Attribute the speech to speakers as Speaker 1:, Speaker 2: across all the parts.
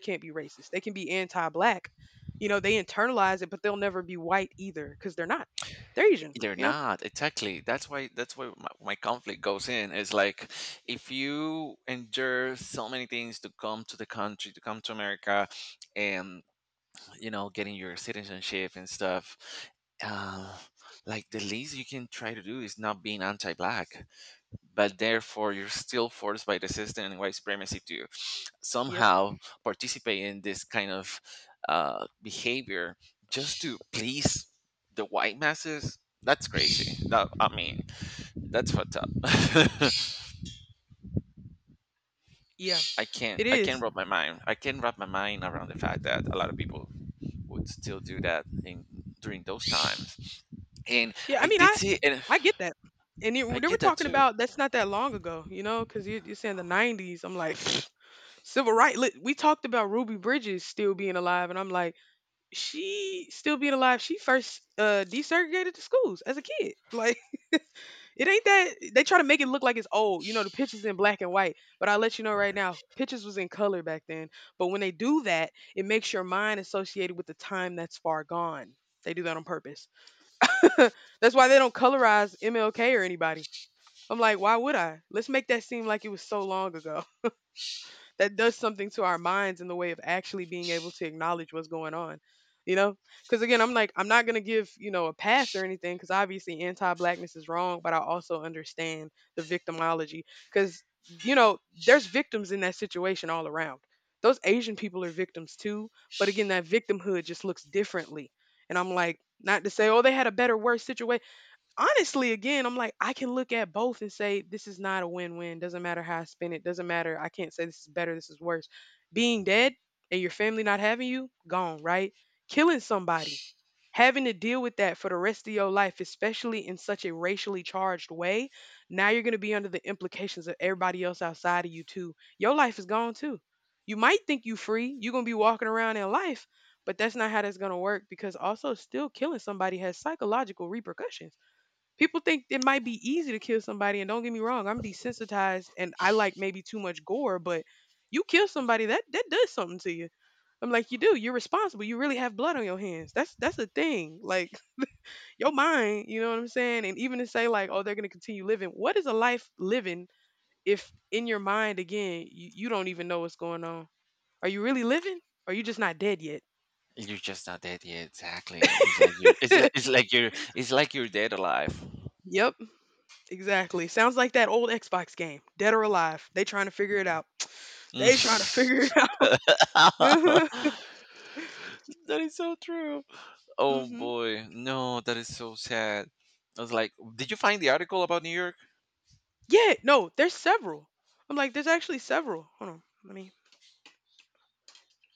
Speaker 1: Can't be racist. They can be anti-black. You know, they internalize it, but they'll never be white either because they're not. They're Asian.
Speaker 2: They're
Speaker 1: Yeah.
Speaker 2: not exactly. That's why. That's why my conflict goes in. Is like, if you endure so many things to come to the country, to come to America, and you know, getting your citizenship and stuff, uh, like the least you can try to do is not being anti-black, but therefore you're still forced by the system and white supremacy to
Speaker 1: Yep.
Speaker 2: somehow participate in this kind of behavior just to please the white masses. That's crazy. That I mean, that's fucked up.
Speaker 1: Yeah. It
Speaker 2: I
Speaker 1: is.
Speaker 2: can't wrap my mind. I can't wrap my mind around the fact that a lot of people would still do that in during those times. And
Speaker 1: Yeah. I
Speaker 2: I
Speaker 1: mean,
Speaker 2: did
Speaker 1: I
Speaker 2: see, and
Speaker 1: I get that. And it,
Speaker 2: I
Speaker 1: they were
Speaker 2: get that
Speaker 1: talking
Speaker 2: too.
Speaker 1: about that's not that long ago, you know, because you're saying the 90s. I'm like, civil rights. We talked about Ruby Bridges still being alive, and I'm like, she still being alive. She first desegregated the schools as a kid. Like, it ain't that they try to make it look like it's old. You know, the pictures in black and white. But I'll let you know right now, pictures was in color back then. But when they do that, it makes your mind associated with the time that's far gone. They do that on purpose. That's why they don't colorize MLK or anybody. I'm like, why would I? Let's make that seem like it was so long ago that does something to our minds in the way of actually being able to acknowledge what's going on, you know. Because again, I'm like, I'm not going to give, you know, a pass or anything because obviously anti-blackness is wrong, but I also understand the victimology because, you know, there's victims in that situation all around. Those Asian people are victims too, but again, that victimhood just looks differently. And I'm like, not to say, oh, they had a better worse situation. Honestly, again, I'm like, I can look at both and say, this is not a win win. Doesn't matter how I spin it. Doesn't matter. I can't say this is better. This is worse. Being dead and your family not having you, gone, right? Killing somebody, having to deal with that for the rest of your life, especially in such a racially charged way. Now you're going to be under the implications of everybody else outside of you, too. Your life is gone, too. You might think you free. You're going to be walking around in life, but that's not how that's going to work because also still killing somebody has psychological repercussions. People think it might be easy to kill somebody, and don't get me wrong, I'm desensitized and I like maybe too much gore, but you kill somebody, that does something to you. I'm like, you do, you're responsible, you really have blood on your hands. That's a thing. Like, your mind, you know what I'm saying? And even to say, like, oh, they're going to continue living. What is a life living if in your mind again you don't even know what's going on? Are you really living or are you just not dead yet?
Speaker 2: You're just not dead yet. Exactly. It's like you're. It's like you're. It's like you're dead alive.
Speaker 1: Yep. Exactly. Sounds like that old Xbox game, Dead or Alive. They trying to figure it out. They trying to figure it
Speaker 2: Mm.
Speaker 1: out.
Speaker 2: That
Speaker 1: Mhm.
Speaker 2: is so true. Oh
Speaker 1: Mhm.
Speaker 2: boy, no, that is so sad. I was like, did you find the article about New York?
Speaker 1: Yeah, no, there's several. I'm like, there's actually several. Hold on. Let me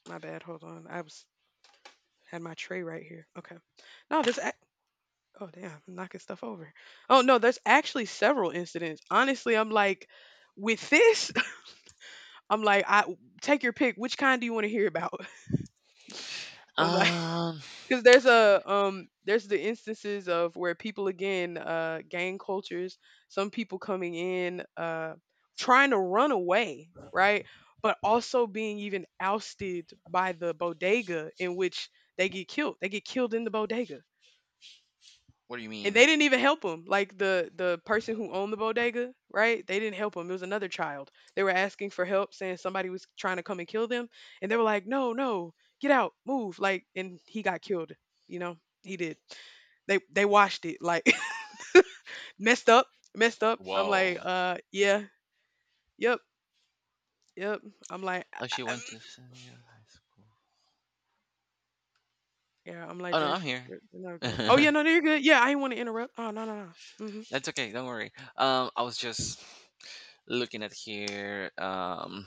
Speaker 1: my bad, hold on. I was had my tray right here. Okay. No, there's ac oh damn, I'm knocking stuff over. Oh no, there's actually several incidents. Honestly, I'm like, with this, I'm like, I take your pick, which kind do you want to hear about? I'm like,
Speaker 2: Um,
Speaker 1: because there's a there's the instances of where people again gang cultures, some people coming in, trying to run away, right? But also being even ousted by the bodega in which they get killed in the bodega.
Speaker 2: what do you
Speaker 1: And
Speaker 2: mean?
Speaker 1: they didn't even help him. Like, the person who owned the bodega, right, they didn't help him. It was another child. They were asking for help, saying somebody was trying to come and kill them, and they were like, no, no, get out, move. Like, and he got killed, you know. He did. They watched it. Like, messed up. Messed up. I'm like,
Speaker 2: Whoa.
Speaker 1: yeah. Yep. Yep. I'm like,
Speaker 2: Oh, she went
Speaker 1: mm.
Speaker 2: to San Diego High School.
Speaker 1: Yeah, I'm
Speaker 2: Oh
Speaker 1: like,
Speaker 2: no,
Speaker 1: there's
Speaker 2: I'm
Speaker 1: oh
Speaker 2: here.
Speaker 1: yeah, no no, you're good. Yeah, I didn't want to interrupt. Oh, no no no. Mhm.
Speaker 2: That's okay. Don't worry. I was just looking at here. Um,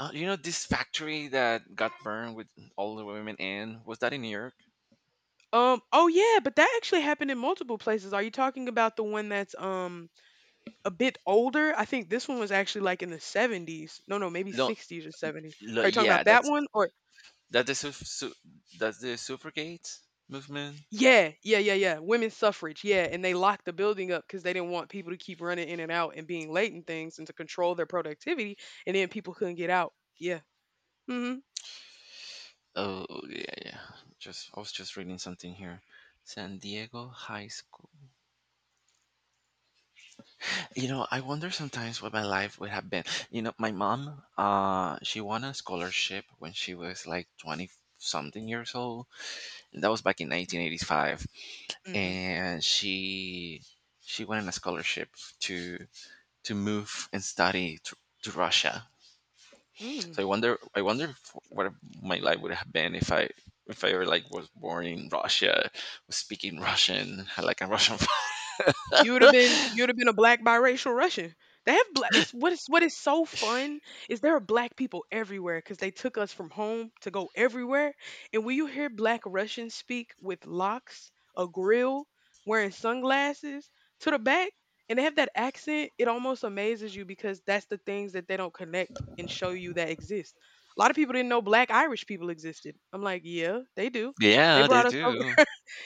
Speaker 2: Uh, You know this factory that got burned with all the women in? Was that in New York?
Speaker 1: Oh yeah, but that actually happened in multiple places. Are you talking about the one that's a bit older? I think this one was actually like in the 70s. No, no, maybe
Speaker 2: No,
Speaker 1: 60s or 70s.
Speaker 2: lo,
Speaker 1: Are you talking
Speaker 2: yeah,
Speaker 1: about that
Speaker 2: that's
Speaker 1: one or
Speaker 2: that the that's the suffragette movement.
Speaker 1: yeah, yeah, yeah, yeah. Women's suffrage. Yeah, and they locked the building up cuz they didn't want people to keep running in and out and being late and things and to control their productivity, and then people couldn't get out. Yeah. Mhm.
Speaker 2: Oh yeah, yeah. Just I was just reading something here. San Diego High School. You know, I wonder sometimes what my life would have been. You know, my mom, she won a scholarship when she was like twenty something years old, and that was back in 1985.
Speaker 1: Mhm.
Speaker 2: And she won a scholarship to to move and to Russia. So
Speaker 1: Mhm.
Speaker 2: I wonder if, what my life would have been if I were like was born in Russia, was speaking Russian, had like a Russian father.
Speaker 1: You would have been a black biracial Russian. They have black. It's what is so fun is there are black people everywhere because they took us from home to go everywhere. And when you hear black Russians speak with locks, a grill, wearing sunglasses to the back, and they have that accent, it almost amazes you because that's the things that they don't connect and show you that exist. A lot of people didn't know black Irish people existed. I'm like, yeah, they do. They
Speaker 2: Yeah, they
Speaker 1: brought us.
Speaker 2: do.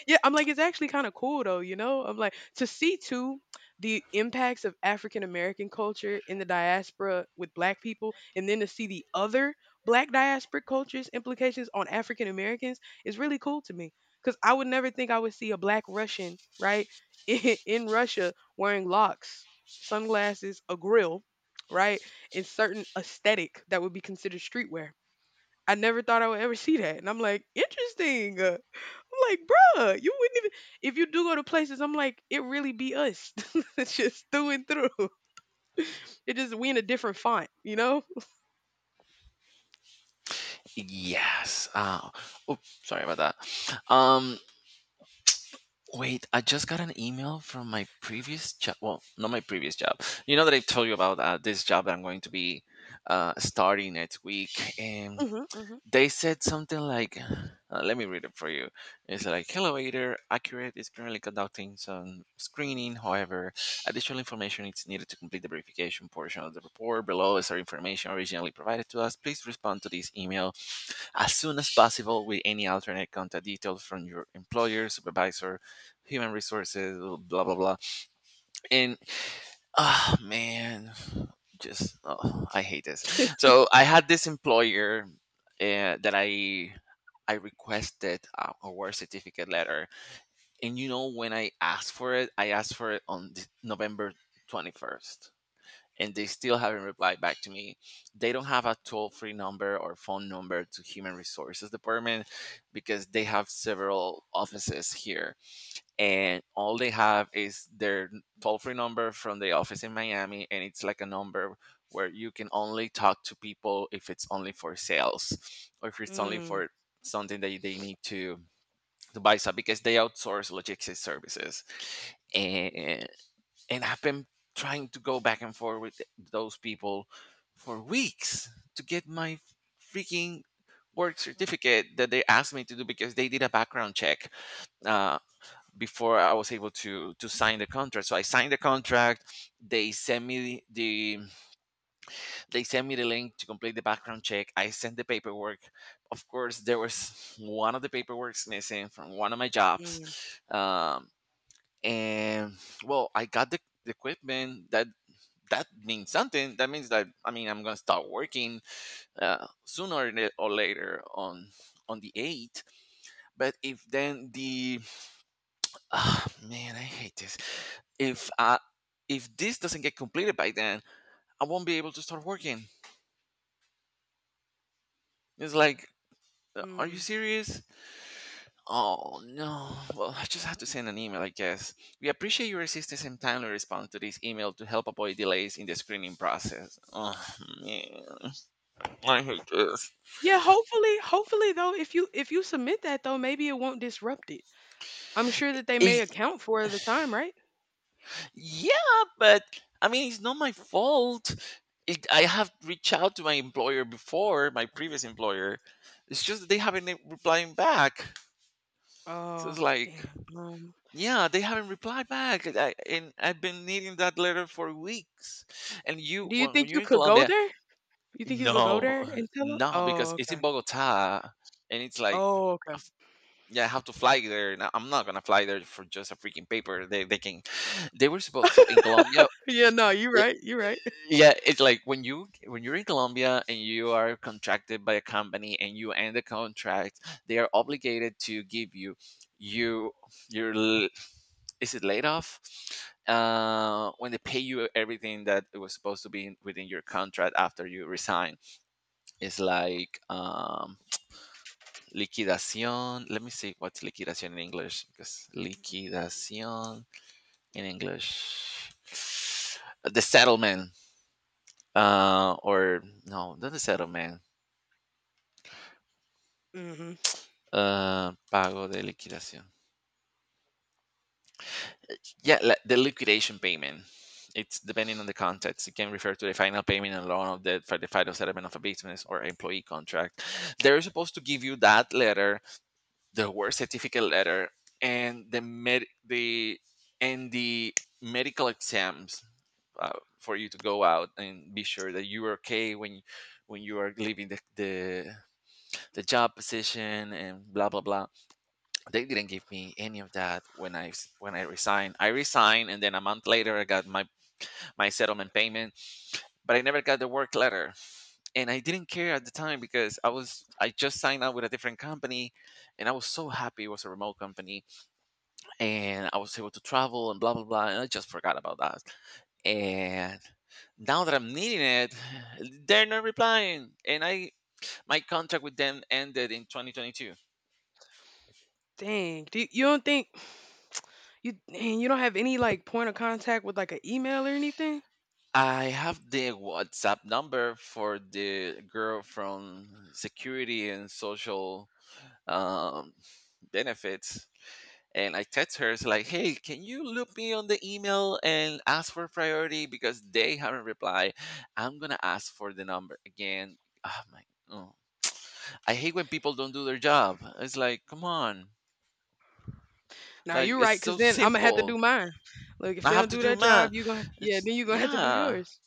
Speaker 1: Yeah, I'm like, it's actually kind of cool though, you know? I'm like, to see too the impacts of African American culture in the diaspora with black people, and then to see the other black diasporic cultures' implications on African Americans is really cool to me. Because I would never think I would see a black Russian, right, in Russia wearing locks, sunglasses, a grill, right, and certain aesthetic that would be considered streetwear. I never thought I would ever see that. And I'm like, interesting. I'm like, bruh, you wouldn't even if you do go to places, I'm like, it really be us. It's just through and through. It just we in a different font, you know?
Speaker 2: Yes. Oh, sorry about that. Wait, I just got an email from my previous job. Well, not my previous job. You know that I've told you about this job that I'm going to be starting next week. And
Speaker 1: Mhm, mhm.
Speaker 2: they said something like, let me read it for you. It's like, hello, Ader. Accurate is currently conducting some screening. However, additional information is needed to complete the verification portion of the report. Below is our information originally provided to us. Please respond to this email as soon as possible with any alternate contact details from your employer, supervisor, human resources, blah blah blah. And oh man, just oh, I hate this. So I had this employer that I requested a award certificate letter, and you know when I asked for it, I asked for it on November 21st, and they still haven't replied back to me. They don't have a toll free number or phone number to Human Resources Department because they have several offices here. And all they have is their toll free number from the office in Miami. And it's like a number where you can only talk to people if it's only for sales or if it's only
Speaker 1: Mm,
Speaker 2: for something that they need to buy stuff, because they outsource logistics services, and I've been trying to go back and forth with those people for weeks to get my freaking work certificate that they asked me to do, because they did a background check uh, before I was able to sign the contract. So I signed the contract. They sent me the they sent me the link to complete the background check. I sent the paperwork. Of course, there was one of the paperwork's missing from one of my
Speaker 1: mm,
Speaker 2: jobs, um, and well, I got the equipment that that means something that means that I mean I'm gonna start working sooner or later on the 8th. But if then the ah man I hate this, if uh if this doesn't get completed by then, I won't be able to start working. It's like, are you
Speaker 1: mm.
Speaker 2: serious? Oh no, well I just have to send an email I guess. We appreciate your assistance and timely response to this email to help avoid delays in the screening process. Oh man, I hate this.
Speaker 1: Yeah, hopefully, hopefully though, if you submit that though, maybe it won't disrupt it. I'm sure that they may
Speaker 2: Eh,
Speaker 1: account for the time, right?
Speaker 2: yeah, but I mean, it's not my fault. I have reached out to my employer before, my previous employer. It's just that they haven't been replying back. So it's
Speaker 1: Oh,
Speaker 2: like,
Speaker 1: damn.
Speaker 2: yeah, they haven't replied back. And I've been needing that letter for weeks. And
Speaker 1: Do you
Speaker 2: when
Speaker 1: think
Speaker 2: you're
Speaker 1: you
Speaker 2: in
Speaker 1: could go
Speaker 2: Colombia,
Speaker 1: there? You think you could go there
Speaker 2: no,
Speaker 1: and tell them?
Speaker 2: no, because
Speaker 1: Oh,
Speaker 2: it's in
Speaker 1: okay.
Speaker 2: Bogota, and it's like,
Speaker 1: Oh, okay.
Speaker 2: f- yeah, I have to fly there. And I'm not gonna fly there for just a freaking paper. They were supposed. So in Colombia,
Speaker 1: Yeah, no, you're right. You're right.
Speaker 2: yeah, it's like when you when you're in colombia and you are contracted by a company and you end the contract, they are obligated to give you your is it laid off, when they pay you everything that it was supposed to be within your contract after you resign. It's like liquidación, let me see what's liquidación in english, because liquidación in english, the settlement. Or no, not the settlement.
Speaker 1: Hmm.
Speaker 2: Pago de liquidación. Yeah, the liquidation payment. It's depending on the context. It can refer to the final payment and loan of the for the final settlement of a business or employee contract. They're supposed to give you that letter, the work certificate letter, and the medical exams for you to go out and be sure that you are okay when you are leaving the job position, and blah blah blah. They didn't give me any of that when I resigned. I resigned, and then a month later, I got my settlement payment, but I never got the work letter, and I didn't care at the time because I just signed out with a different company, and I was so happy it was a remote company, and I was able to travel and blah blah blah, and I just forgot about that, and. Now that I'm needing it, they're not replying, and I my contract with them ended in 2022.
Speaker 1: Dang. You don't think you don't have any like point of contact with like an email or anything?
Speaker 2: I have the WhatsApp number for the girl from security and social um, benefits. And I text her, it's like, hey, can you loop me on the email and ask for priority because they haven't replied? I'm going to ask for the number again. Oh, my, oh. I hate when people don't do their job. It's like, come on.
Speaker 1: Now
Speaker 2: Like,
Speaker 1: you're
Speaker 2: it's
Speaker 1: right, cause
Speaker 2: so
Speaker 1: then I'm gonna have to
Speaker 2: simple.
Speaker 1: do mine. Look, if
Speaker 2: I
Speaker 1: they
Speaker 2: have
Speaker 1: don't
Speaker 2: to
Speaker 1: do
Speaker 2: do
Speaker 1: that job,
Speaker 2: math. It's,
Speaker 1: then you gonna have to do
Speaker 2: yeah.
Speaker 1: yours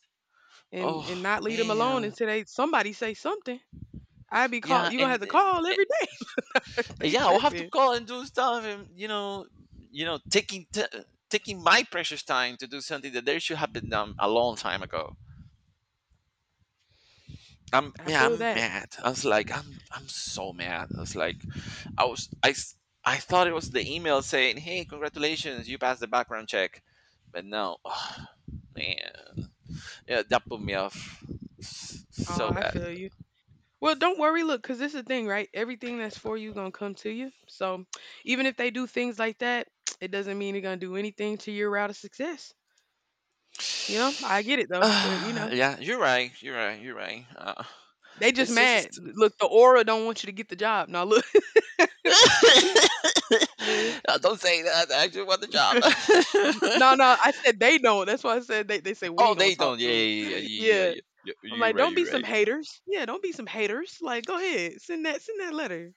Speaker 2: Oh,
Speaker 1: and not leave them alone
Speaker 2: man.
Speaker 1: until they somebody say something. I'd be call
Speaker 2: Yeah.
Speaker 1: you gonna have
Speaker 2: And
Speaker 1: to call
Speaker 2: eh,
Speaker 1: every day. They
Speaker 2: yeah, I'll have to
Speaker 1: tripping.
Speaker 2: call and do stuff, and you know, you know taking t- taking my precious time to do something that they should have been done a long time ago. I'm,
Speaker 1: I
Speaker 2: yeah,
Speaker 1: feel
Speaker 2: I'm
Speaker 1: that.
Speaker 2: mad. I was like, I'm so mad. I was like I was I s- I thought it was the email saying hey congratulations you passed the background check, but no. Man, yeah, that put me off
Speaker 1: Oh,
Speaker 2: so
Speaker 1: I
Speaker 2: bad.
Speaker 1: feel you. Well, don't worry. Look, because this is the thing, right? Everything that's for you gonna come to you. So even if they do things like that, it doesn't mean they're gonna do anything to your route of success. You know, I get it though, but you know.
Speaker 2: Yeah, you're right, you're right.
Speaker 1: They just
Speaker 2: It's
Speaker 1: mad.
Speaker 2: just.
Speaker 1: Look, the aura don't want you to get the job. Now look. Yeah.
Speaker 2: Don't say that. I actually want the job.
Speaker 1: No, no, I said they don't. That's why I said they say we
Speaker 2: Oh,
Speaker 1: ain't gonna
Speaker 2: they don't.
Speaker 1: talk to them. Yeah.
Speaker 2: Yeah. You
Speaker 1: I'm like,
Speaker 2: right,
Speaker 1: don't be
Speaker 2: you
Speaker 1: some
Speaker 2: right.
Speaker 1: haters. Yeah, don't be some haters. Like, go ahead, send that letter.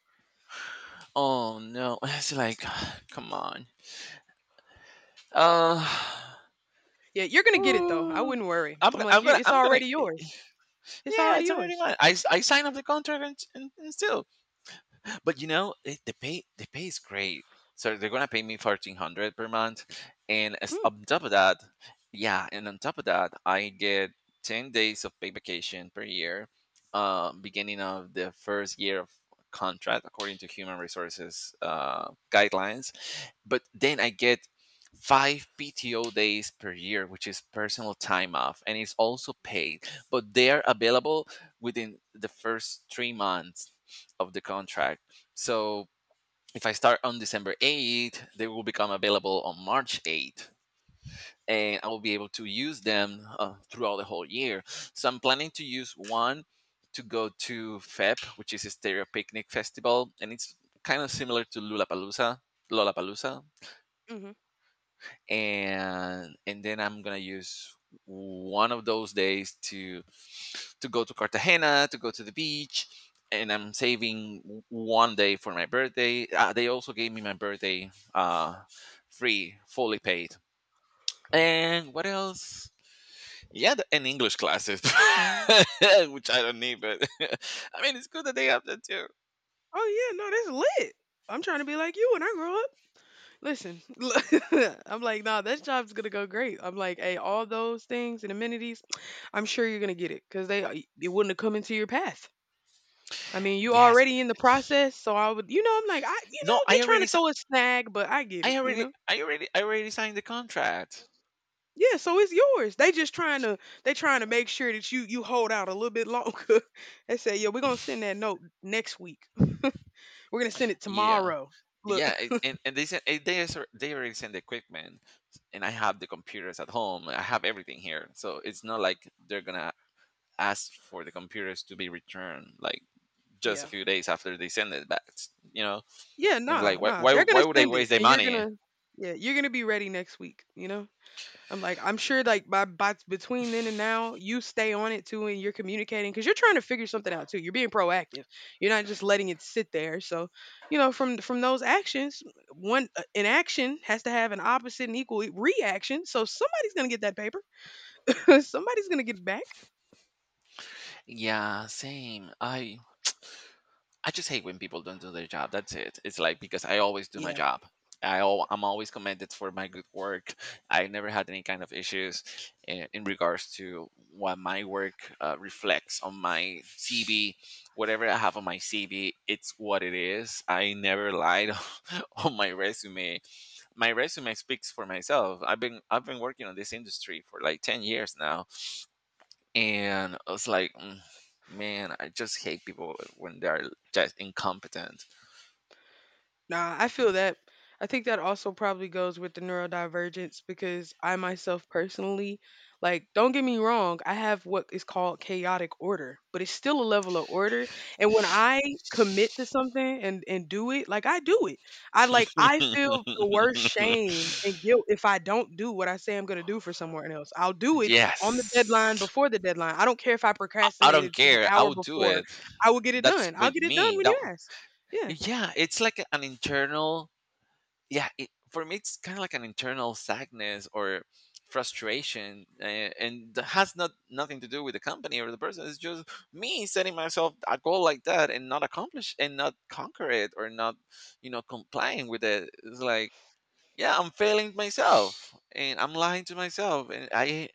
Speaker 2: Oh no, it's like, come on. Uh,
Speaker 1: Yeah, you're gonna get it though. I
Speaker 2: ooh.
Speaker 1: wouldn't worry. I'm like, "You- it's
Speaker 2: I'm gonna.
Speaker 1: already yours. It's
Speaker 2: Yeah,
Speaker 1: already
Speaker 2: it's already
Speaker 1: yours.
Speaker 2: mine. I signed up the contract, and still. But you know, it, the pay is great. So they're gonna pay me 1,400 per month,
Speaker 1: Mm,
Speaker 2: on top of that, yeah, and on top of that, I get 10 days of paid vacation per year, beginning of the first year of contract according to human resources guidelines. But then I get five PTO days per year, which is personal time off, and it's also paid, but they're available within the first 3 months of the contract. So if I start on December 8th, they will become available on March 8th. And I will be able to use them throughout the whole year. So I'm planning to use one to go to FEP, which is a stereo picnic festival, and it's kind of similar to Lollapalooza,
Speaker 1: hmm.
Speaker 2: and then I'm gonna use one of those days to go to Cartagena to go to the beach, and I'm saving one day for my birthday. They also gave me my birthday free, fully paid. And what else? Yeah, and English classes, which I don't need, but I mean it's good that they have that too.
Speaker 1: Oh yeah, no, that's lit. I'm trying to be like you when I grow up. Listen, I'm like, nah, that job's gonna go great. I'm like, hey, all those things and amenities, I'm sure you're gonna get it because they it wouldn't have come into your path. I mean, you
Speaker 2: Yes.
Speaker 1: already in the process, so I would, you know, I'm like, I, you
Speaker 2: No,
Speaker 1: know, they
Speaker 2: I
Speaker 1: trying
Speaker 2: already,
Speaker 1: to
Speaker 2: s-
Speaker 1: throw a snag, but I get
Speaker 2: I
Speaker 1: it, you
Speaker 2: already,
Speaker 1: know.
Speaker 2: I already, I already signed the contract.
Speaker 1: Yeah, so it's yours. They just trying to, they trying to make sure that you hold out a little bit longer. They say, yeah, we're gonna send that note next week. We're gonna send it
Speaker 2: Yeah.
Speaker 1: tomorrow. Look,
Speaker 2: Yeah it, and they sent they already send the equipment, and I have the computers at home. I have everything here, so it's not like they're gonna ask for the computers to be returned, like just a
Speaker 1: yeah.
Speaker 2: few days after they send it back, you know?
Speaker 1: Yeah,
Speaker 2: It's
Speaker 1: nah,
Speaker 2: like,
Speaker 1: nah. They're
Speaker 2: why
Speaker 1: gonna
Speaker 2: would I
Speaker 1: send it,
Speaker 2: waste their
Speaker 1: and you're
Speaker 2: money?
Speaker 1: gonna, yeah, you're gonna be ready next week. You know, I'm like, I'm sure, like by between then and now, you stay on it too, and you're communicating because you're trying to figure something out too. You're being proactive. You're not just letting it sit there. So, you know, from those actions, one an action has to have an opposite and equal reaction. So somebody's gonna get that paper. Somebody's gonna get it back.
Speaker 2: Yeah, same. I just hate when people don't do their job. That's it. It's like because I always do my job. I'm always commended for my good work. I never had any kind of issues in regards to what my work reflects on my CV. Whatever I have on my CV, it's what it is. I never lied on my resume. My resume speaks for myself. I've been working on this industry for like 10 years now, and man, I just hate people when they're just incompetent.
Speaker 1: Nah, I feel that. I think that also probably goes with the neurodivergence because I myself personally, like, don't get me wrong, I have what is called chaotic order, but it's still a level of order. And when I commit to something and do it, like I do it. I, like, I feel the worst shame and guilt if I don't do what I say I'm gonna do for someone else. I'll do it on the deadline
Speaker 2: Yes.
Speaker 1: before the deadline. I don't care if I
Speaker 2: I don't
Speaker 1: procrastinated to the
Speaker 2: care.
Speaker 1: hour
Speaker 2: I'll do
Speaker 1: before.
Speaker 2: it.
Speaker 1: I will get it
Speaker 2: That's
Speaker 1: done. I'll
Speaker 2: with
Speaker 1: get it done
Speaker 2: me.
Speaker 1: when
Speaker 2: That
Speaker 1: you ask. Yeah.
Speaker 2: Yeah, it's like an internal yeah, it, for me, it's kind of like an internal sadness or frustration, and that has not nothing to do with the company or the person. It's just me setting myself a goal like that and not accomplish and not conquer it or not, you know, complying with it. It's like, yeah, I'm failing myself and I'm lying to myself, and I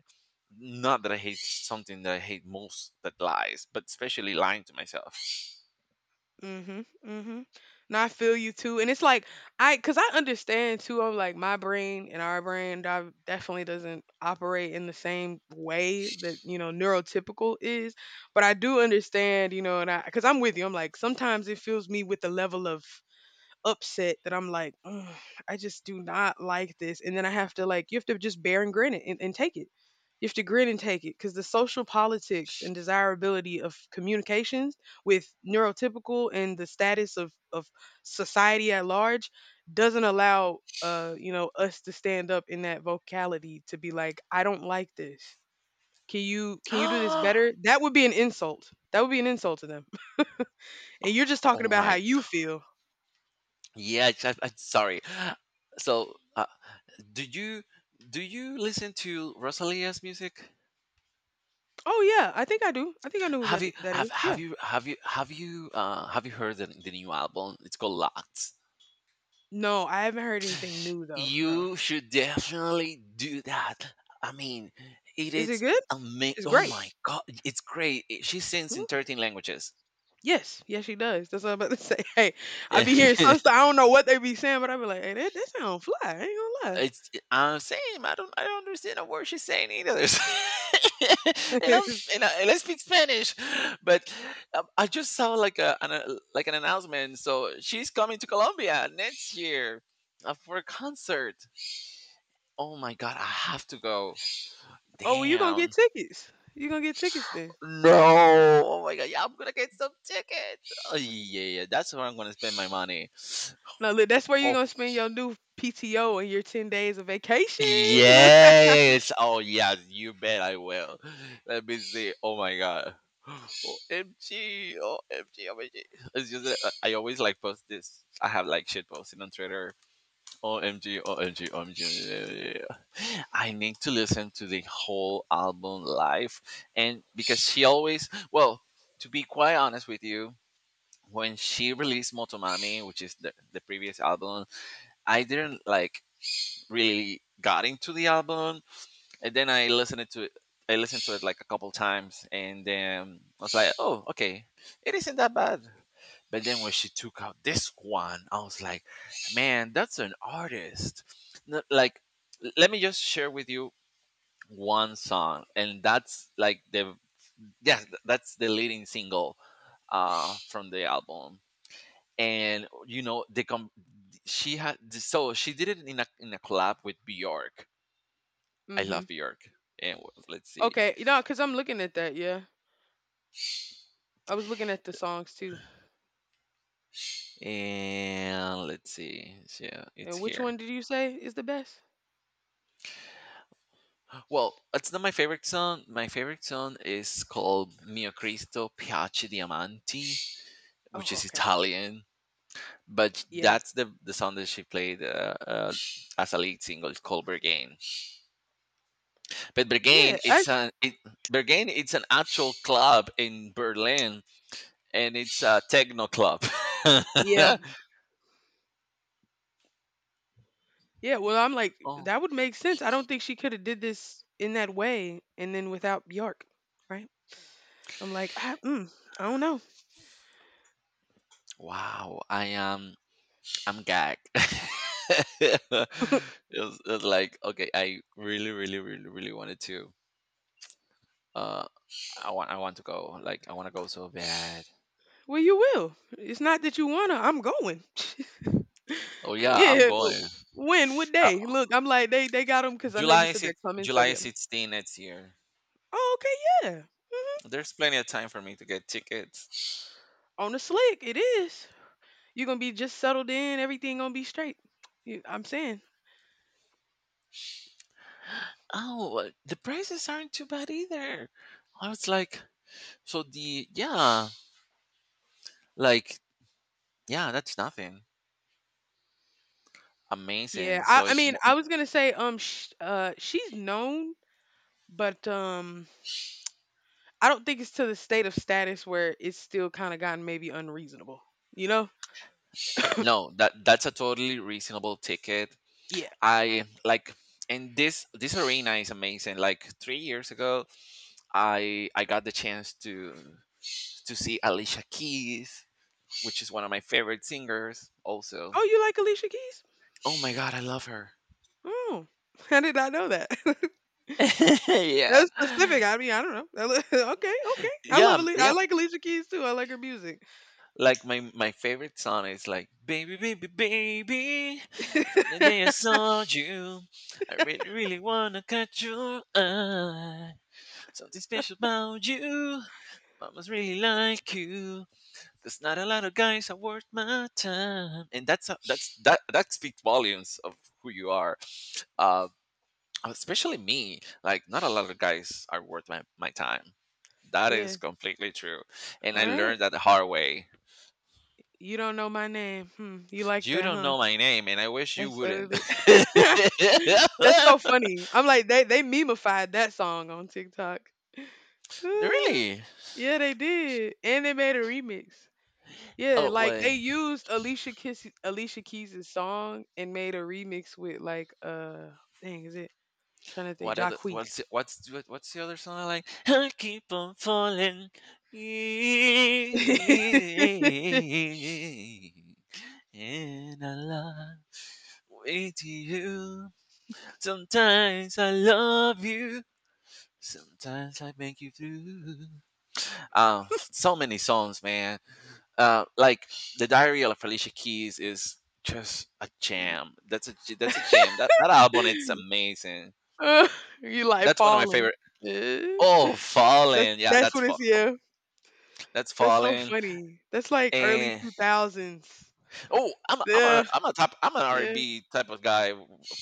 Speaker 2: not that I hate something, that I hate most that lies, but especially lying to myself.
Speaker 1: Mhm, mhm. No, I feel you too, and it's like cause I understand too. I'm like my brain and our brain definitely doesn't operate in the same way that neurotypical is, but I do understand, and cause I'm with you. I'm like sometimes it fills me with a level of upset that I'm like, "Ugh, I just do not like this. And then I have to like, you have to just bear and grin it and take it. You have to grin and take it because the social politics and desirability of communications with neurotypical and the status of society at large doesn't allow us to stand up in that vocality to be like, I don't like this. Can you do this
Speaker 2: Oh
Speaker 1: better? That would be an insult. That would be an insult to them. And you're just talking about how
Speaker 2: my
Speaker 1: you
Speaker 2: god.
Speaker 1: feel.
Speaker 2: Yeah, I'm sorry. So, do you do you listen to Rosalia's music?
Speaker 1: Oh yeah, I think I do. I think I know who that that is.
Speaker 2: Have
Speaker 1: Yeah.
Speaker 2: you have you have you have you heard the new album? It's called Lots.
Speaker 1: No, I haven't heard anything new though. No.
Speaker 2: You should definitely do that. I mean, it
Speaker 1: Is it
Speaker 2: is
Speaker 1: good?
Speaker 2: amazing.
Speaker 1: It's
Speaker 2: Oh
Speaker 1: great.
Speaker 2: my god, it's great. It- She sings in
Speaker 1: Ooh.
Speaker 2: 13 languages.
Speaker 1: Yes, yes, she does. That's what I'm about to say. Hey, I be hearing some stuff. I don't know what they be saying, but I be like, hey, that sound fly. I ain't gonna
Speaker 2: It's I'm same. I don't understand a word she's saying either. and I'm
Speaker 1: lie.
Speaker 2: and I speak Spanish, but I just saw like like an announcement. So she's coming to Colombia next year for a concert. Oh my god, I have to go.
Speaker 1: Oh, well, you gonna get
Speaker 2: Damn.
Speaker 1: tickets? You gonna get tickets then?
Speaker 2: No. Oh my god, yeah, I'm gonna get some tickets. Oh, yeah, yeah, that's where I'm gonna spend my money.
Speaker 1: No, look, that's where you
Speaker 2: Oh,
Speaker 1: gonna spend your new PTO and your 10 days of vacation. Look.
Speaker 2: yes. Oh yes, you bet I will. Let me see. Oh my god. OMG. OMG. OMG. It's just that I always like post this. I have like shit posting on Twitter. OMG. Yeah, OMG. I need to listen to the whole album live. And because she always, well, to be quite honest with you, when she released Motomami, which is the previous album, I didn't like really got into the album, and then I listened to it. I listened to it like a couple times, and then I was like, "Oh, okay, it isn't that bad." But then when she took out this one, I was like, "Man, that's an artist." No, like, let me just share with you one song, and that's like that's the leading single from the album. And you know, she had she did it in a collab with Bjork. I
Speaker 1: Mm-hmm.
Speaker 2: love Bjork. Let's see.
Speaker 1: Okay, cause I'm looking at that. Yeah, I was looking at the songs too.
Speaker 2: And let's see. So it's
Speaker 1: And which
Speaker 2: here.
Speaker 1: one did you say is the best?
Speaker 2: Well, it's not my favorite song. My favorite song is called Mio Cristo Piace Diamanti, which
Speaker 1: Oh,
Speaker 2: is
Speaker 1: okay.
Speaker 2: Italian. But
Speaker 1: Yeah,
Speaker 2: that's the song that she played as a lead single. It's called Berghain. But
Speaker 1: Yeah,
Speaker 2: Berghain,
Speaker 1: I
Speaker 2: it's an it, Berghain, it's an actual club in Berlin, and it's a techno club.
Speaker 1: yeah, yeah, well, I'm like,
Speaker 2: Oh
Speaker 1: that would make sense. I don't think she coulda did this in that way and then without Björk, right? I'm like, "I don't know."
Speaker 2: wow! I'm gagged. it, was, it was like, okay, I really, really, really, really wanted to. Uh, I want to go. Like, I want to go so bad.
Speaker 1: Well, you will. It's not that you wanna, I'm going.
Speaker 2: Oh
Speaker 1: W
Speaker 2: yeah, I'm
Speaker 1: yeah,
Speaker 2: going.
Speaker 1: w when? What
Speaker 2: Uh,
Speaker 1: day? Look, I'm like, they got them because I know you
Speaker 2: July
Speaker 1: said
Speaker 2: six,
Speaker 1: they're coming, so
Speaker 2: July
Speaker 1: yeah.
Speaker 2: 16 next year.
Speaker 1: Oh, okay, yeah, mhm.
Speaker 2: There's plenty of time for me to get tickets.
Speaker 1: On the slick, it is. You're gonna be just settled in, everything gonna be straight. You I'm saying.
Speaker 2: Oh, the prices aren't too bad either. I was like, so the yeah, like yeah, that's nothing.
Speaker 1: Yeah,
Speaker 2: Amazing.
Speaker 1: I mean, I was gonna say, sh she's known, but, I don't think it's to the state of status where it's still kind of gotten maybe unreasonable. You know?
Speaker 2: No, that that's a totally reasonable ticket.
Speaker 1: Yeah.
Speaker 2: I like, and this arena is amazing. Like 3 years ago, I got the chance to see Alicia Keys, which is one of my favorite singers. Also,
Speaker 1: Oh, you like Alicia Keys?
Speaker 2: oh my god, I love her.
Speaker 1: Oh, I did not know that.
Speaker 2: Yeah.
Speaker 1: That's specific. I mean, I don't know. Okay, okay. I love Ali. I
Speaker 2: Yeah.
Speaker 1: like Alicia Keys too. I like her music.
Speaker 2: Like my favorite song is like baby baby baby, from the day I saw you, I really really wanna catch your eye, something special about you, mama's really like you. There's not a lot of guys are worth my time, and that that speaks volumes of who you are. Uh, especially me, like not a lot of guys are worth my time. That is
Speaker 1: Yeah.
Speaker 2: completely true, and I
Speaker 1: All right.
Speaker 2: learned that the hard way.
Speaker 1: You don't know my name. Hmm. You like
Speaker 2: You
Speaker 1: that,
Speaker 2: don't
Speaker 1: huh?
Speaker 2: know my name, and I wish you
Speaker 1: That's what
Speaker 2: wouldn't.
Speaker 1: it is. That's so funny. I'm like they memeified that song on TikTok.
Speaker 2: Really?
Speaker 1: Yeah, they did, and they made a remix. Yeah,
Speaker 2: Oh
Speaker 1: like they
Speaker 2: wait,
Speaker 1: used Alicia Keys' song and made a remix with like dang is it trying to think
Speaker 2: what other?
Speaker 1: Jacquees.
Speaker 2: What's the other song I like? I keep on falling in a life with you. Sometimes I love you. Sometimes I make you blue. So many songs, man. Like the Diary of Felicia Keys is just a jam. That's a jam. That album, it's amazing.
Speaker 1: Uh, you like
Speaker 2: That's one of my
Speaker 1: falling.
Speaker 2: favorite.
Speaker 1: Eh?
Speaker 2: Oh, Fallen. Yeah,
Speaker 1: That's what it's yeah.
Speaker 2: that's
Speaker 1: That's so
Speaker 2: Fallen.
Speaker 1: funny. That's like early
Speaker 2: And
Speaker 1: 2000s.
Speaker 2: oh, I'm a, I'm a
Speaker 1: Yeah,
Speaker 2: I'm a top I'm an
Speaker 1: yeah.
Speaker 2: R&B type of guy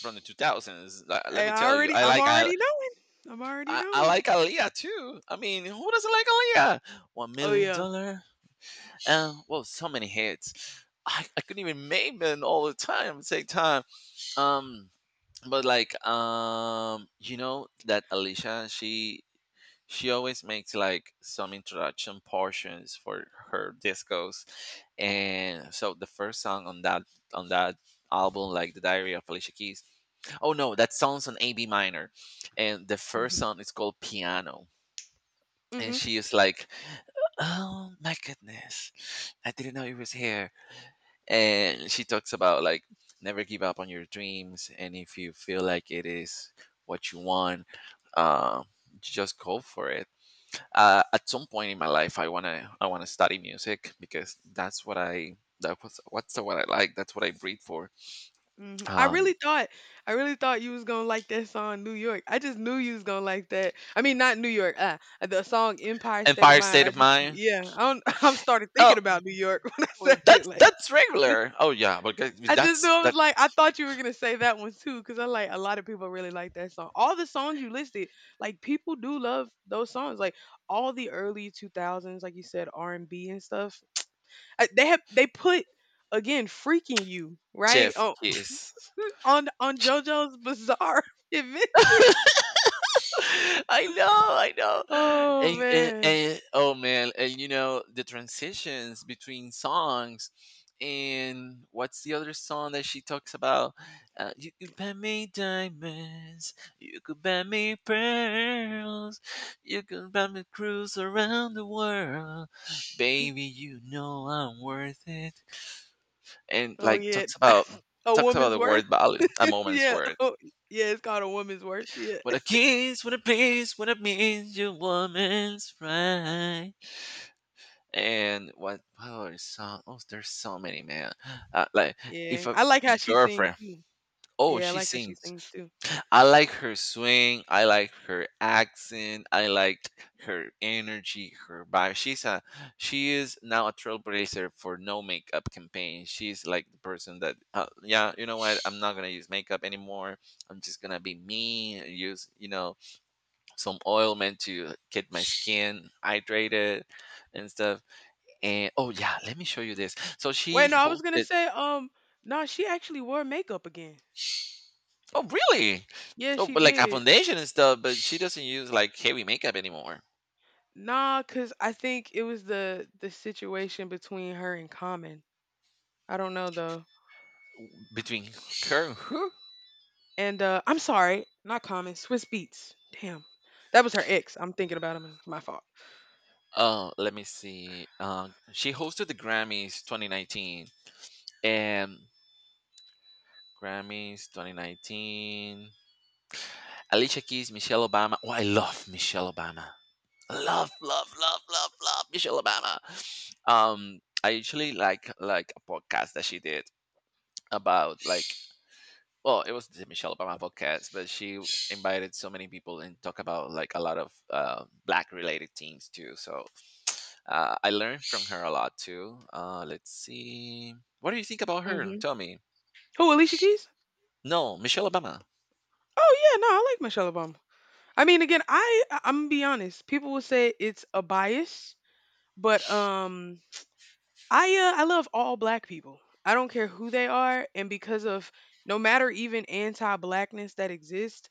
Speaker 2: from the 2000s. Like, let
Speaker 1: Hey,
Speaker 2: me tell you,
Speaker 1: I'm already knowing. I'm already
Speaker 2: I
Speaker 1: knowing.
Speaker 2: like Aaliyah too. I mean, who doesn't like Aaliyah? One
Speaker 1: Oh
Speaker 2: million
Speaker 1: yeah.
Speaker 2: dollar. And well, so many hits. I couldn't even name them all the time. At the same time. Um, but like, you know that Alicia, she always makes like some introduction portions for her discos, and so the first song on that album, like the Diary of Alicia Keys. Oh no, that song's on A B minor, and the first
Speaker 1: Hmm.
Speaker 2: song is called Piano, and
Speaker 1: Hmm.
Speaker 2: she is like, "Oh my goodness, I didn't know it was here." And she talks about like, never give up on your dreams, and if you feel like it is what you want, uh, just go for it. At some point in my life, I wanna study music because that's what I that was what's the what I like. That's what I breathe for.
Speaker 1: Mhm. I
Speaker 2: Um,
Speaker 1: really thought I really thought you was gonna like that song New York. I just knew you was gonna like that. I mean, not New York. The song Empire State of
Speaker 2: Empire
Speaker 1: Mind.
Speaker 2: State
Speaker 1: I
Speaker 2: of
Speaker 1: just
Speaker 2: Mind.
Speaker 1: yeah. I don't, I'm started
Speaker 2: Oh,
Speaker 1: thinking about New York when I
Speaker 2: well,
Speaker 1: said it. Like
Speaker 2: that's regular. Oh yeah, but
Speaker 1: I just knew
Speaker 2: that's
Speaker 1: I
Speaker 2: that
Speaker 1: was like I thought you were gonna say that one too because I like a lot of people really like that song. All the songs you listed, like people do love those songs. Like all the early 2000s, like you said, R and B and stuff. They put again freaking you right
Speaker 2: chef is.
Speaker 1: on JoJo's Bizarre Adventure.
Speaker 2: I know, I know.
Speaker 1: Oh man.
Speaker 2: And oh man, and you know the transitions between songs. And what's the other song that she talks about? You could buy me diamonds, you could buy me pearls, you could buy me cruise around the world, baby. You know I'm worth it. And
Speaker 1: Oh
Speaker 2: like
Speaker 1: yeah.
Speaker 2: talks about,
Speaker 1: A
Speaker 2: talks about
Speaker 1: woman's
Speaker 2: the
Speaker 1: worth.
Speaker 2: word value, a moment's
Speaker 1: Yeah.
Speaker 2: worth.
Speaker 1: Oh, yeah. It's called a woman's worth. Yeah.
Speaker 2: What a kiss, what a bliss, what a means your woman's right. And what? Oh, there's so many, man. Like if
Speaker 1: Yeah.
Speaker 2: a
Speaker 1: I like how she sings
Speaker 2: girlfriend,
Speaker 1: too.
Speaker 2: oh,
Speaker 1: Yeah, I
Speaker 2: she
Speaker 1: like how she
Speaker 2: sings.
Speaker 1: sings too.
Speaker 2: I like her swing. I like her accent. I like her energy, her vibe. She is now a trailblazer for no makeup campaign. She's like the person that, yeah, you know what? I'm not gonna use makeup anymore. I'm just gonna be me. Use, you know, some oil meant to get my skin hydrated and stuff. And oh yeah, let me show you this. So she
Speaker 1: Wait, no, I was gonna
Speaker 2: hosted.
Speaker 1: say, no, she actually wore makeup again.
Speaker 2: Oh really?
Speaker 1: Yeah,
Speaker 2: Oh,
Speaker 1: she
Speaker 2: but like a
Speaker 1: did.
Speaker 2: foundation and stuff. But she doesn't use like heavy makeup anymore.
Speaker 1: Nah, cause I think it was the situation between her and Common. I don't know though.
Speaker 2: Between her and who?
Speaker 1: And I'm sorry, not Common, Swiss Beats. Damn. That was her ex. I'm thinking about him. It's my fault.
Speaker 2: Oh, let me see. She hosted the Grammys 2019, and Grammys 2019. Alicia Keys, Michelle Obama. Oh, I love Michelle Obama. Love, love, love, love, love Michelle Obama. I usually like a podcast that she did about like, well, it was the Michelle Obama podcast, but she invited so many people and talk about like a lot of black related themes too. So I learned from her a lot too. Let's see, what do you think about her?
Speaker 1: Mhm.
Speaker 2: Tell me.
Speaker 1: Who, Alicia Keys?
Speaker 2: No, Michelle Obama.
Speaker 1: Oh yeah, no, I like Michelle Obama. I mean, again, I'm gonna be honest. People will say it's a bias, but I love all black people. I don't care who they are and because of no matter even anti-blackness that exists,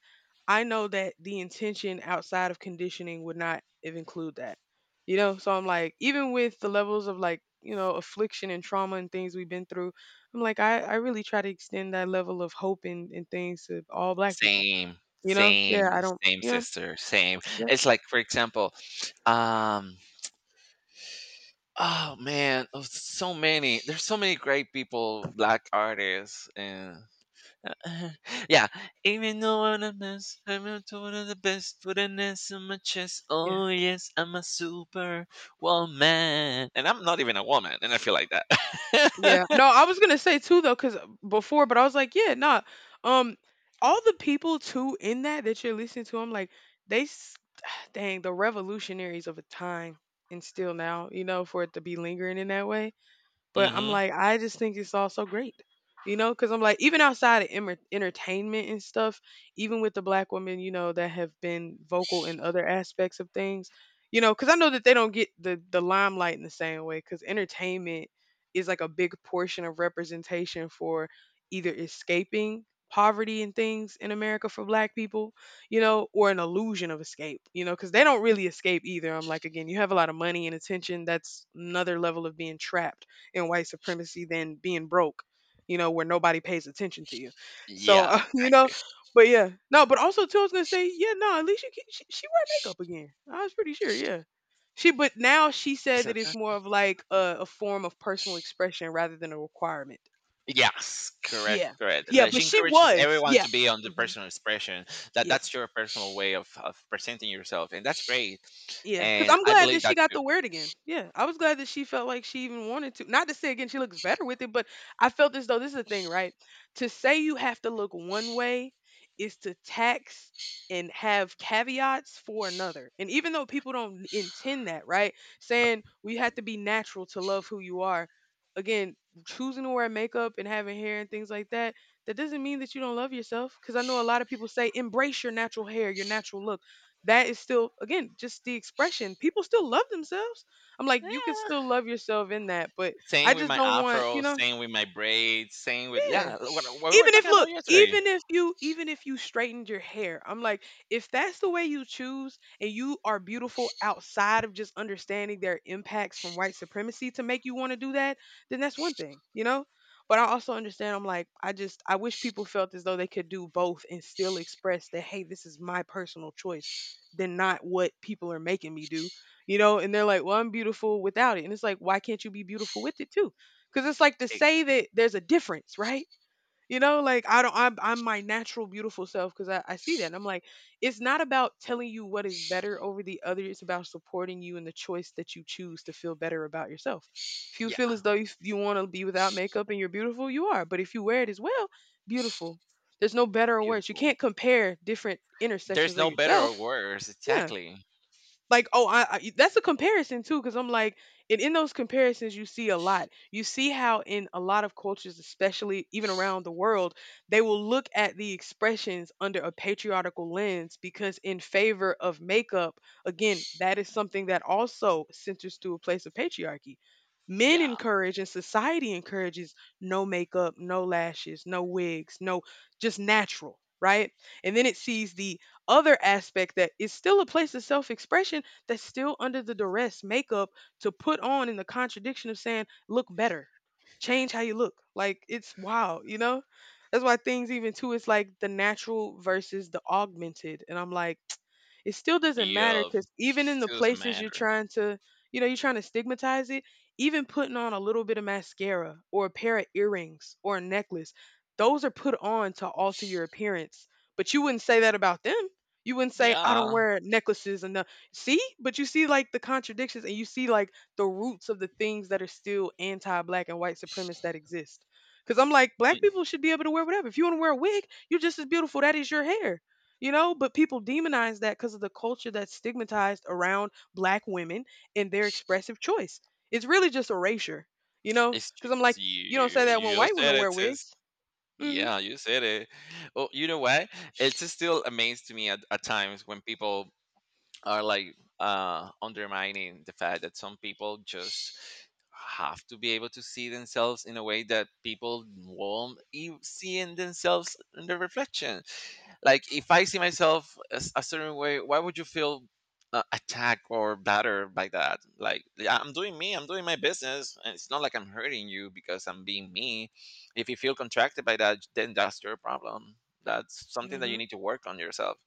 Speaker 1: I know that the intention outside of conditioning would not even include that. You know, so I'm like even with the levels of like affliction and trauma and things we've been through, I'm like I really try to extend that level of hope and things to all black people.
Speaker 2: Same,
Speaker 1: You know? Yeah,
Speaker 2: same,
Speaker 1: I don't,
Speaker 2: same
Speaker 1: you know.
Speaker 2: sister, same.
Speaker 1: Yep.
Speaker 2: It's like for example, um, oh man, oh, so many. There's so many great people, black artists, and yeah. Even though I'm the best, I'm not one of the best. With an S on my chest,
Speaker 1: Yeah.
Speaker 2: oh yes, I'm a super woman, and I'm not even a woman, and I feel like
Speaker 1: Yeah.
Speaker 2: that.
Speaker 1: No, I was gonna say too though, cause before, but I was like, yeah, nah. Um, all the people too in that you're listening to, I'm like, they, dang, the revolutionaries of a time, and still now, for it to be lingering in that way. But I'm
Speaker 2: Hmm.
Speaker 1: like, I just think it's all so great because I'm like, even outside of emer entertainment and stuff, even with the black women that have been vocal in other aspects of things, because I know that they don't get the limelight in the same way, because entertainment is like a big portion of representation for either escaping poverty and things in America for black people, or an illusion of escape, Because they don't really escape either. I'm like, again, you have a lot of money and attention. That's another level of being trapped in white supremacy than being broke, where nobody pays attention to you. So,
Speaker 2: Yeah, exactly.
Speaker 1: but yeah, no, but also too, I was gonna say, yeah, no, at least you can, she wear makeup again. I was pretty sure, yeah. But now she
Speaker 2: Is
Speaker 1: said that
Speaker 2: it
Speaker 1: it's
Speaker 2: that?
Speaker 1: more of like a form of personal expression rather than a requirement.
Speaker 2: Yes, correct,
Speaker 1: Yeah,
Speaker 2: correct.
Speaker 1: yeah,
Speaker 2: Like, she
Speaker 1: but she
Speaker 2: encourages
Speaker 1: was,
Speaker 2: everyone
Speaker 1: yeah,
Speaker 2: to be on the
Speaker 1: hmm,
Speaker 2: personal expression. That that's
Speaker 1: yes.
Speaker 2: your personal way of presenting yourself, and that's great.
Speaker 1: Yeah, because
Speaker 2: And
Speaker 1: I'm
Speaker 2: I
Speaker 1: glad
Speaker 2: believe
Speaker 1: that she
Speaker 2: that
Speaker 1: got
Speaker 2: too.
Speaker 1: the wear it again. Yeah, I was glad that she felt like she even wanted to. Not to say again she looks better with it, but I felt as though this is the thing, right? To say you have to look one way is to tax and have caveats for another. And even though people don't intend that, right? Saying we have to be natural to love who you are. Again, choosing to wear makeup and having hair and things like that, that doesn't mean that you don't love yourself. Because I know a lot of people say embrace your natural hair, your natural look, that is still again just the expression, people still love themselves. I'm like you could
Speaker 2: Yeah.
Speaker 1: still love yourself in that, but I
Speaker 2: Same with
Speaker 1: just
Speaker 2: my
Speaker 1: don't want you
Speaker 2: afro,
Speaker 1: know
Speaker 2: same with my braids, same with
Speaker 1: Yeah,
Speaker 2: yeah, what we were
Speaker 1: even if,
Speaker 2: talking
Speaker 1: look,
Speaker 2: about yesterday.
Speaker 1: even if you straightened your hair, I'm like, if that's the way you choose and you are beautiful outside of just understanding their impacts from white supremacy to make you want to do that, then that's one thing, you know? But I also understand I'm like, I just I wish people felt as though they could do both and still express that, hey, this is my personal choice than not what people are making me do, you know? And they're like, well, I'm beautiful without it. And it's like, why can't you be beautiful with it too? Because it's like to
Speaker 2: It-
Speaker 1: say that there's a difference, right? You know, like I don't, I'm my natural beautiful self because I see that. And I'm like, it's not about telling you what is better over the other. It's about supporting you in the choice that you choose to feel better about yourself. If you
Speaker 2: yeah,
Speaker 1: feel as though you want to be without makeup and you're beautiful, you are. But if you wear it as well, beautiful. There's no better or worse. You
Speaker 2: beautiful.
Speaker 1: can't compare different
Speaker 2: There's
Speaker 1: intersections of
Speaker 2: no better or
Speaker 1: yourself.
Speaker 2: worse,
Speaker 1: Yeah,
Speaker 2: exactly.
Speaker 1: like, oh, I that's a comparison too because I'm like, and in those comparisons you see a lot, you see how in a lot of cultures, especially even around the world, they will look at the expressions under a patriarchal lens because in favor of makeup. Again, that is something that also centers to a place of patriarchy. Men
Speaker 2: Yeah.
Speaker 1: encourage and society encourages no makeup, no lashes, no wigs, no, just natural, right? And then it sees the other aspect that is still a place of self expression, that's still under the duress makeup to put on, in the contradiction of saying look better, change how you look, like it's wild. That's why things even too, it's like the natural versus the augmented, and I'm like, it still doesn't matter
Speaker 2: Yup.
Speaker 1: because even in the
Speaker 2: Still doesn't
Speaker 1: places you're
Speaker 2: matter.
Speaker 1: trying to, you're trying to stigmatize it, even putting on a little bit of mascara or a pair of earrings or a necklace. Those are put on to alter your appearance, but you wouldn't say that about them. You wouldn't say I don't
Speaker 2: Yeah.
Speaker 1: wear necklaces and see, but you see like the contradictions and you see like the roots of the things that are still anti-black and white supremacists that exist. Cuz I'm like, black
Speaker 2: Mm.
Speaker 1: people should be able to wear whatever. If you want to wear a wig, you're just as beautiful. That is your hair. You know, but people demonize that cuz of the culture that's stigmatized around black women and their expressive choice. It's really just erasure. You know,
Speaker 2: It's
Speaker 1: cuz I'm
Speaker 2: just
Speaker 1: like, you don't say
Speaker 2: you
Speaker 1: that when white
Speaker 2: said
Speaker 1: women
Speaker 2: it,
Speaker 1: wear
Speaker 2: sis.
Speaker 1: wigs. Mhm.
Speaker 2: Yeah, you said it. Well, you know what? It's just still amazed to me at times when people are like undermining the fact that some people just have to be able to see themselves in a way that people won't see in themselves in the reflection. Like if I see myself as a certain way, why would you feel attacked or battered by that? Like, yeah, I'm doing me, I'm doing my business, and it's not like I'm hurting you because I'm being me. If you feel contracted by that, then that's your problem. That's something that you
Speaker 1: Mhm.
Speaker 2: need to work on yourself.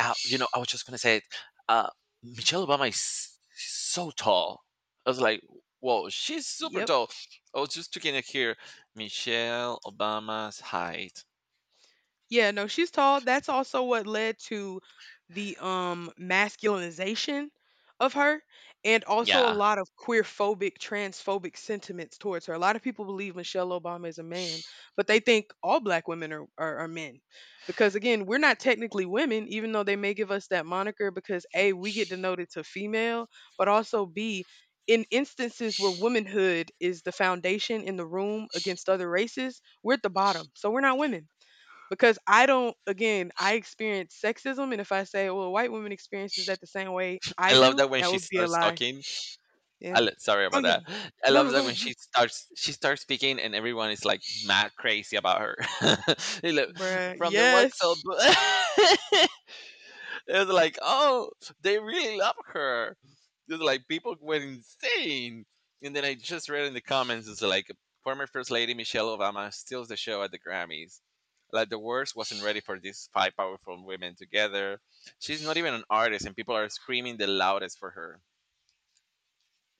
Speaker 2: I was just gonna say it. uh, Michelle Obama is so tall. I was like, whoa, she's super
Speaker 1: Yep.
Speaker 2: tall. I was just checking it here, Michelle Obama's height.
Speaker 1: Yeah, no, she's tall. That's also what led to the masculinization of her, and also a
Speaker 2: Yeah,
Speaker 1: lot of queerphobic, transphobic sentiments towards her. A lot of people believe Michelle Obama is a man, but they think all black women are, are men. Because again, we're not technically women, even though they may give us that moniker because A, we get denoted to female, but also B, in instances where womanhood is the foundation in the room against other races, we're at the bottom. So we're not women because I don't. Again, I experience sexism, and if I say, well, a white woman experiences that the same way
Speaker 2: I
Speaker 1: I
Speaker 2: love
Speaker 1: do,
Speaker 2: that when
Speaker 1: that
Speaker 2: she
Speaker 1: would be a
Speaker 2: starts
Speaker 1: lie.
Speaker 2: talking.
Speaker 1: Yeah.
Speaker 2: Sorry
Speaker 1: Oh
Speaker 2: about
Speaker 1: yeah.
Speaker 2: that. I
Speaker 1: No,
Speaker 2: love
Speaker 1: no, go
Speaker 2: that when
Speaker 1: ahead. Yeah.
Speaker 2: she starts speaking and everyone is like mad crazy about her. They look,
Speaker 1: Bruh.
Speaker 2: from the wax
Speaker 1: Yes.
Speaker 2: it was like, oh, they really love her. It was like people went insane. And then I just read in the comments, it's like, former first lady Michelle Obama steals the show at the Grammys. Like the worst wasn't ready for these five powerful women together. She's not even an artist, and people are screaming the loudest for her.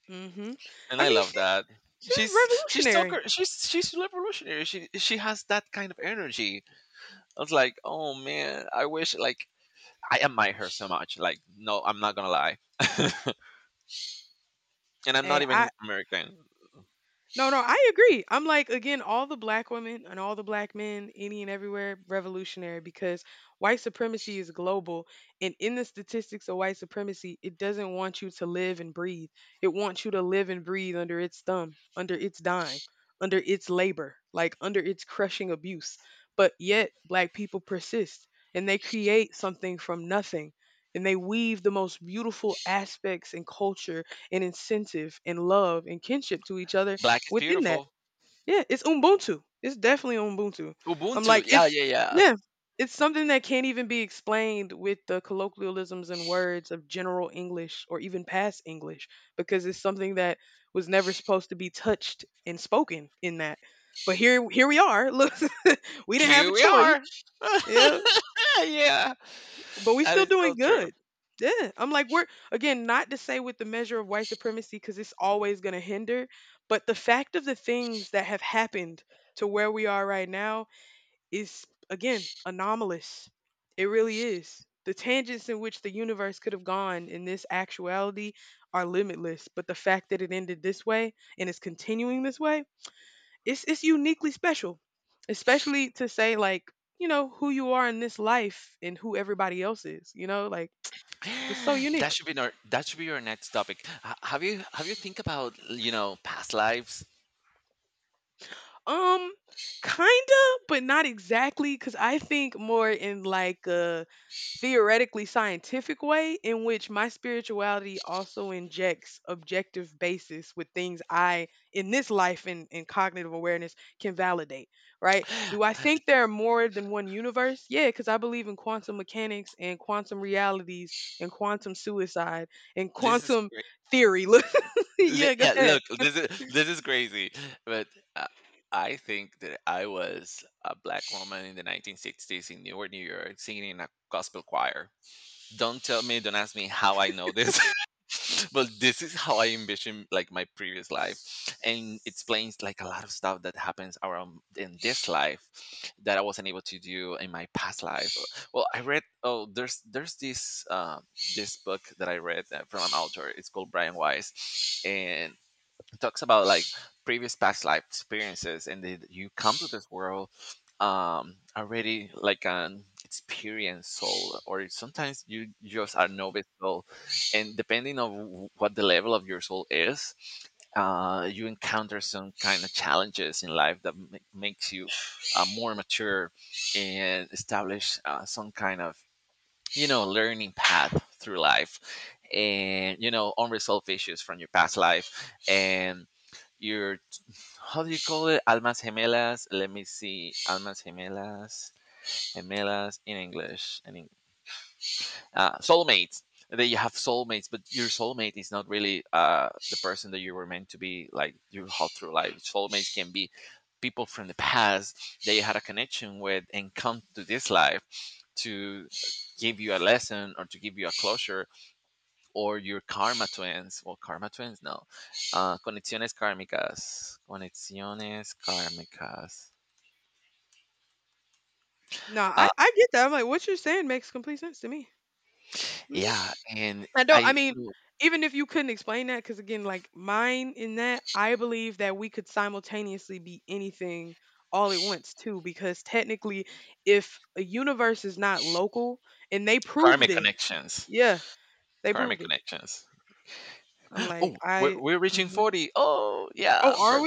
Speaker 1: Mm. Mhm.
Speaker 2: And
Speaker 1: I
Speaker 2: I
Speaker 1: mean,
Speaker 2: love that.
Speaker 1: she's revolutionary.
Speaker 2: She's revolutionary. She has that kind of energy. I was like, oh man, I wish like I admire her so much. Like, no, I'm not gonna lie, and I'm not
Speaker 1: Hey, I
Speaker 2: even American.
Speaker 1: no, no, I agree. I'm like, again, all the black women and all the black men, any and everywhere, revolutionary because white supremacy is global. And in the statistics of white supremacy, it doesn't want you to live and breathe. It wants you to live and breathe under its thumb, under its dime, under its labor, like under its crushing abuse. But yet, black people persist and they create something from nothing. And they weave the most beautiful aspects and culture and incentive and love and kinship to each other
Speaker 2: Black is
Speaker 1: within that.
Speaker 2: beautiful.
Speaker 1: Yeah, it's Ubuntu. It's definitely Ubuntu. I'm
Speaker 2: Ubuntu,
Speaker 1: like,
Speaker 2: yeah,
Speaker 1: it's,
Speaker 2: yeah, yeah.
Speaker 1: yeah, it's something that can't even be explained with the colloquialisms and words of general English or even past English, because it's something that was never supposed to be touched and spoken in that. But here, here we are. Look, we didn't have a
Speaker 2: Here we
Speaker 1: choice.
Speaker 2: are.
Speaker 1: Yeah,
Speaker 2: Yeah,
Speaker 1: but we
Speaker 2: that
Speaker 1: still
Speaker 2: is so
Speaker 1: doing
Speaker 2: true.
Speaker 1: good. Yeah, I'm like we're, again, not to say with the measure of white supremacy because it's always going to hinder, but the fact of the things that have happened to where we are right now is again anomalous. It really is. The tangents in which the universe could have gone in this actuality are limitless, but the fact that it ended this way and is continuing this way, it's uniquely special, especially to say like you know who you are in this life and who everybody else is. Like it's so
Speaker 2: That
Speaker 1: unique.
Speaker 2: should be that should be your next topic. Have you, think about, you know, past lives?
Speaker 1: Um, kinda, but not exactly, because I think more in like a theoretically scientific way, in which my spirituality also injects objective basis with things I in this life and in cognitive awareness can validate. Right? Do I think there are more than one universe? Yeah, because I believe in quantum mechanics and quantum realities and quantum suicide and
Speaker 2: This is—
Speaker 1: quantum theory. Look, yeah, go
Speaker 2: Yeah,
Speaker 1: ahead.
Speaker 2: look, this is crazy, but uh, I think that I was a black woman in the 1960s in Newark, New York, singing in a gospel choir. Don't tell me, don't ask me how I know this, but this is how I envision like my previous life, and it explains like a lot of stuff that happens around in this life that I wasn't able to do in my past life. Well, I read— oh, there's this this book that I read from an author. It's called Brian Weiss, and talks about like previous past life experiences, and then you come to this world, um, already like an experienced soul, or sometimes you just are novice soul, and depending on what the level of your soul is, you encounter some kind of challenges in life that makes you more mature, and establish some kind of, you know, learning path through life, and, you know, unresolved issues from your past life and your— how do you call it? Almas gemelas. Let me see, almas gemelas, gemelas in English, in soulmates. That you have soulmates, but your soulmate is not really the person that you were meant to be, like your whole through life. Soulmates can be people from the past that you had a connection with, and come to this life to give you a lesson or to give you a closure. Or your karma twins. Well, karma twins, no. Conexiones kármicas, conexiones kármicas.
Speaker 1: No,
Speaker 2: uh,
Speaker 1: I get that. I'm like, what you're saying makes complete sense to me. Mm,
Speaker 2: yeah. and
Speaker 1: I don't. I
Speaker 2: I
Speaker 1: mean,
Speaker 2: you
Speaker 1: even if you couldn't explain that, because again, like mine in that, I believe that we could simultaneously be anything all at once too. Because technically, if a universe is not local, and they proved
Speaker 2: Karmic
Speaker 1: it,
Speaker 2: connections,
Speaker 1: yeah, they
Speaker 2: karmic
Speaker 1: proved it.
Speaker 2: connections.
Speaker 1: I'm like,
Speaker 2: Oh, we're,
Speaker 1: I.
Speaker 2: we're reaching
Speaker 1: Mhm.
Speaker 2: 40. Oh, yeah.
Speaker 1: Oh, are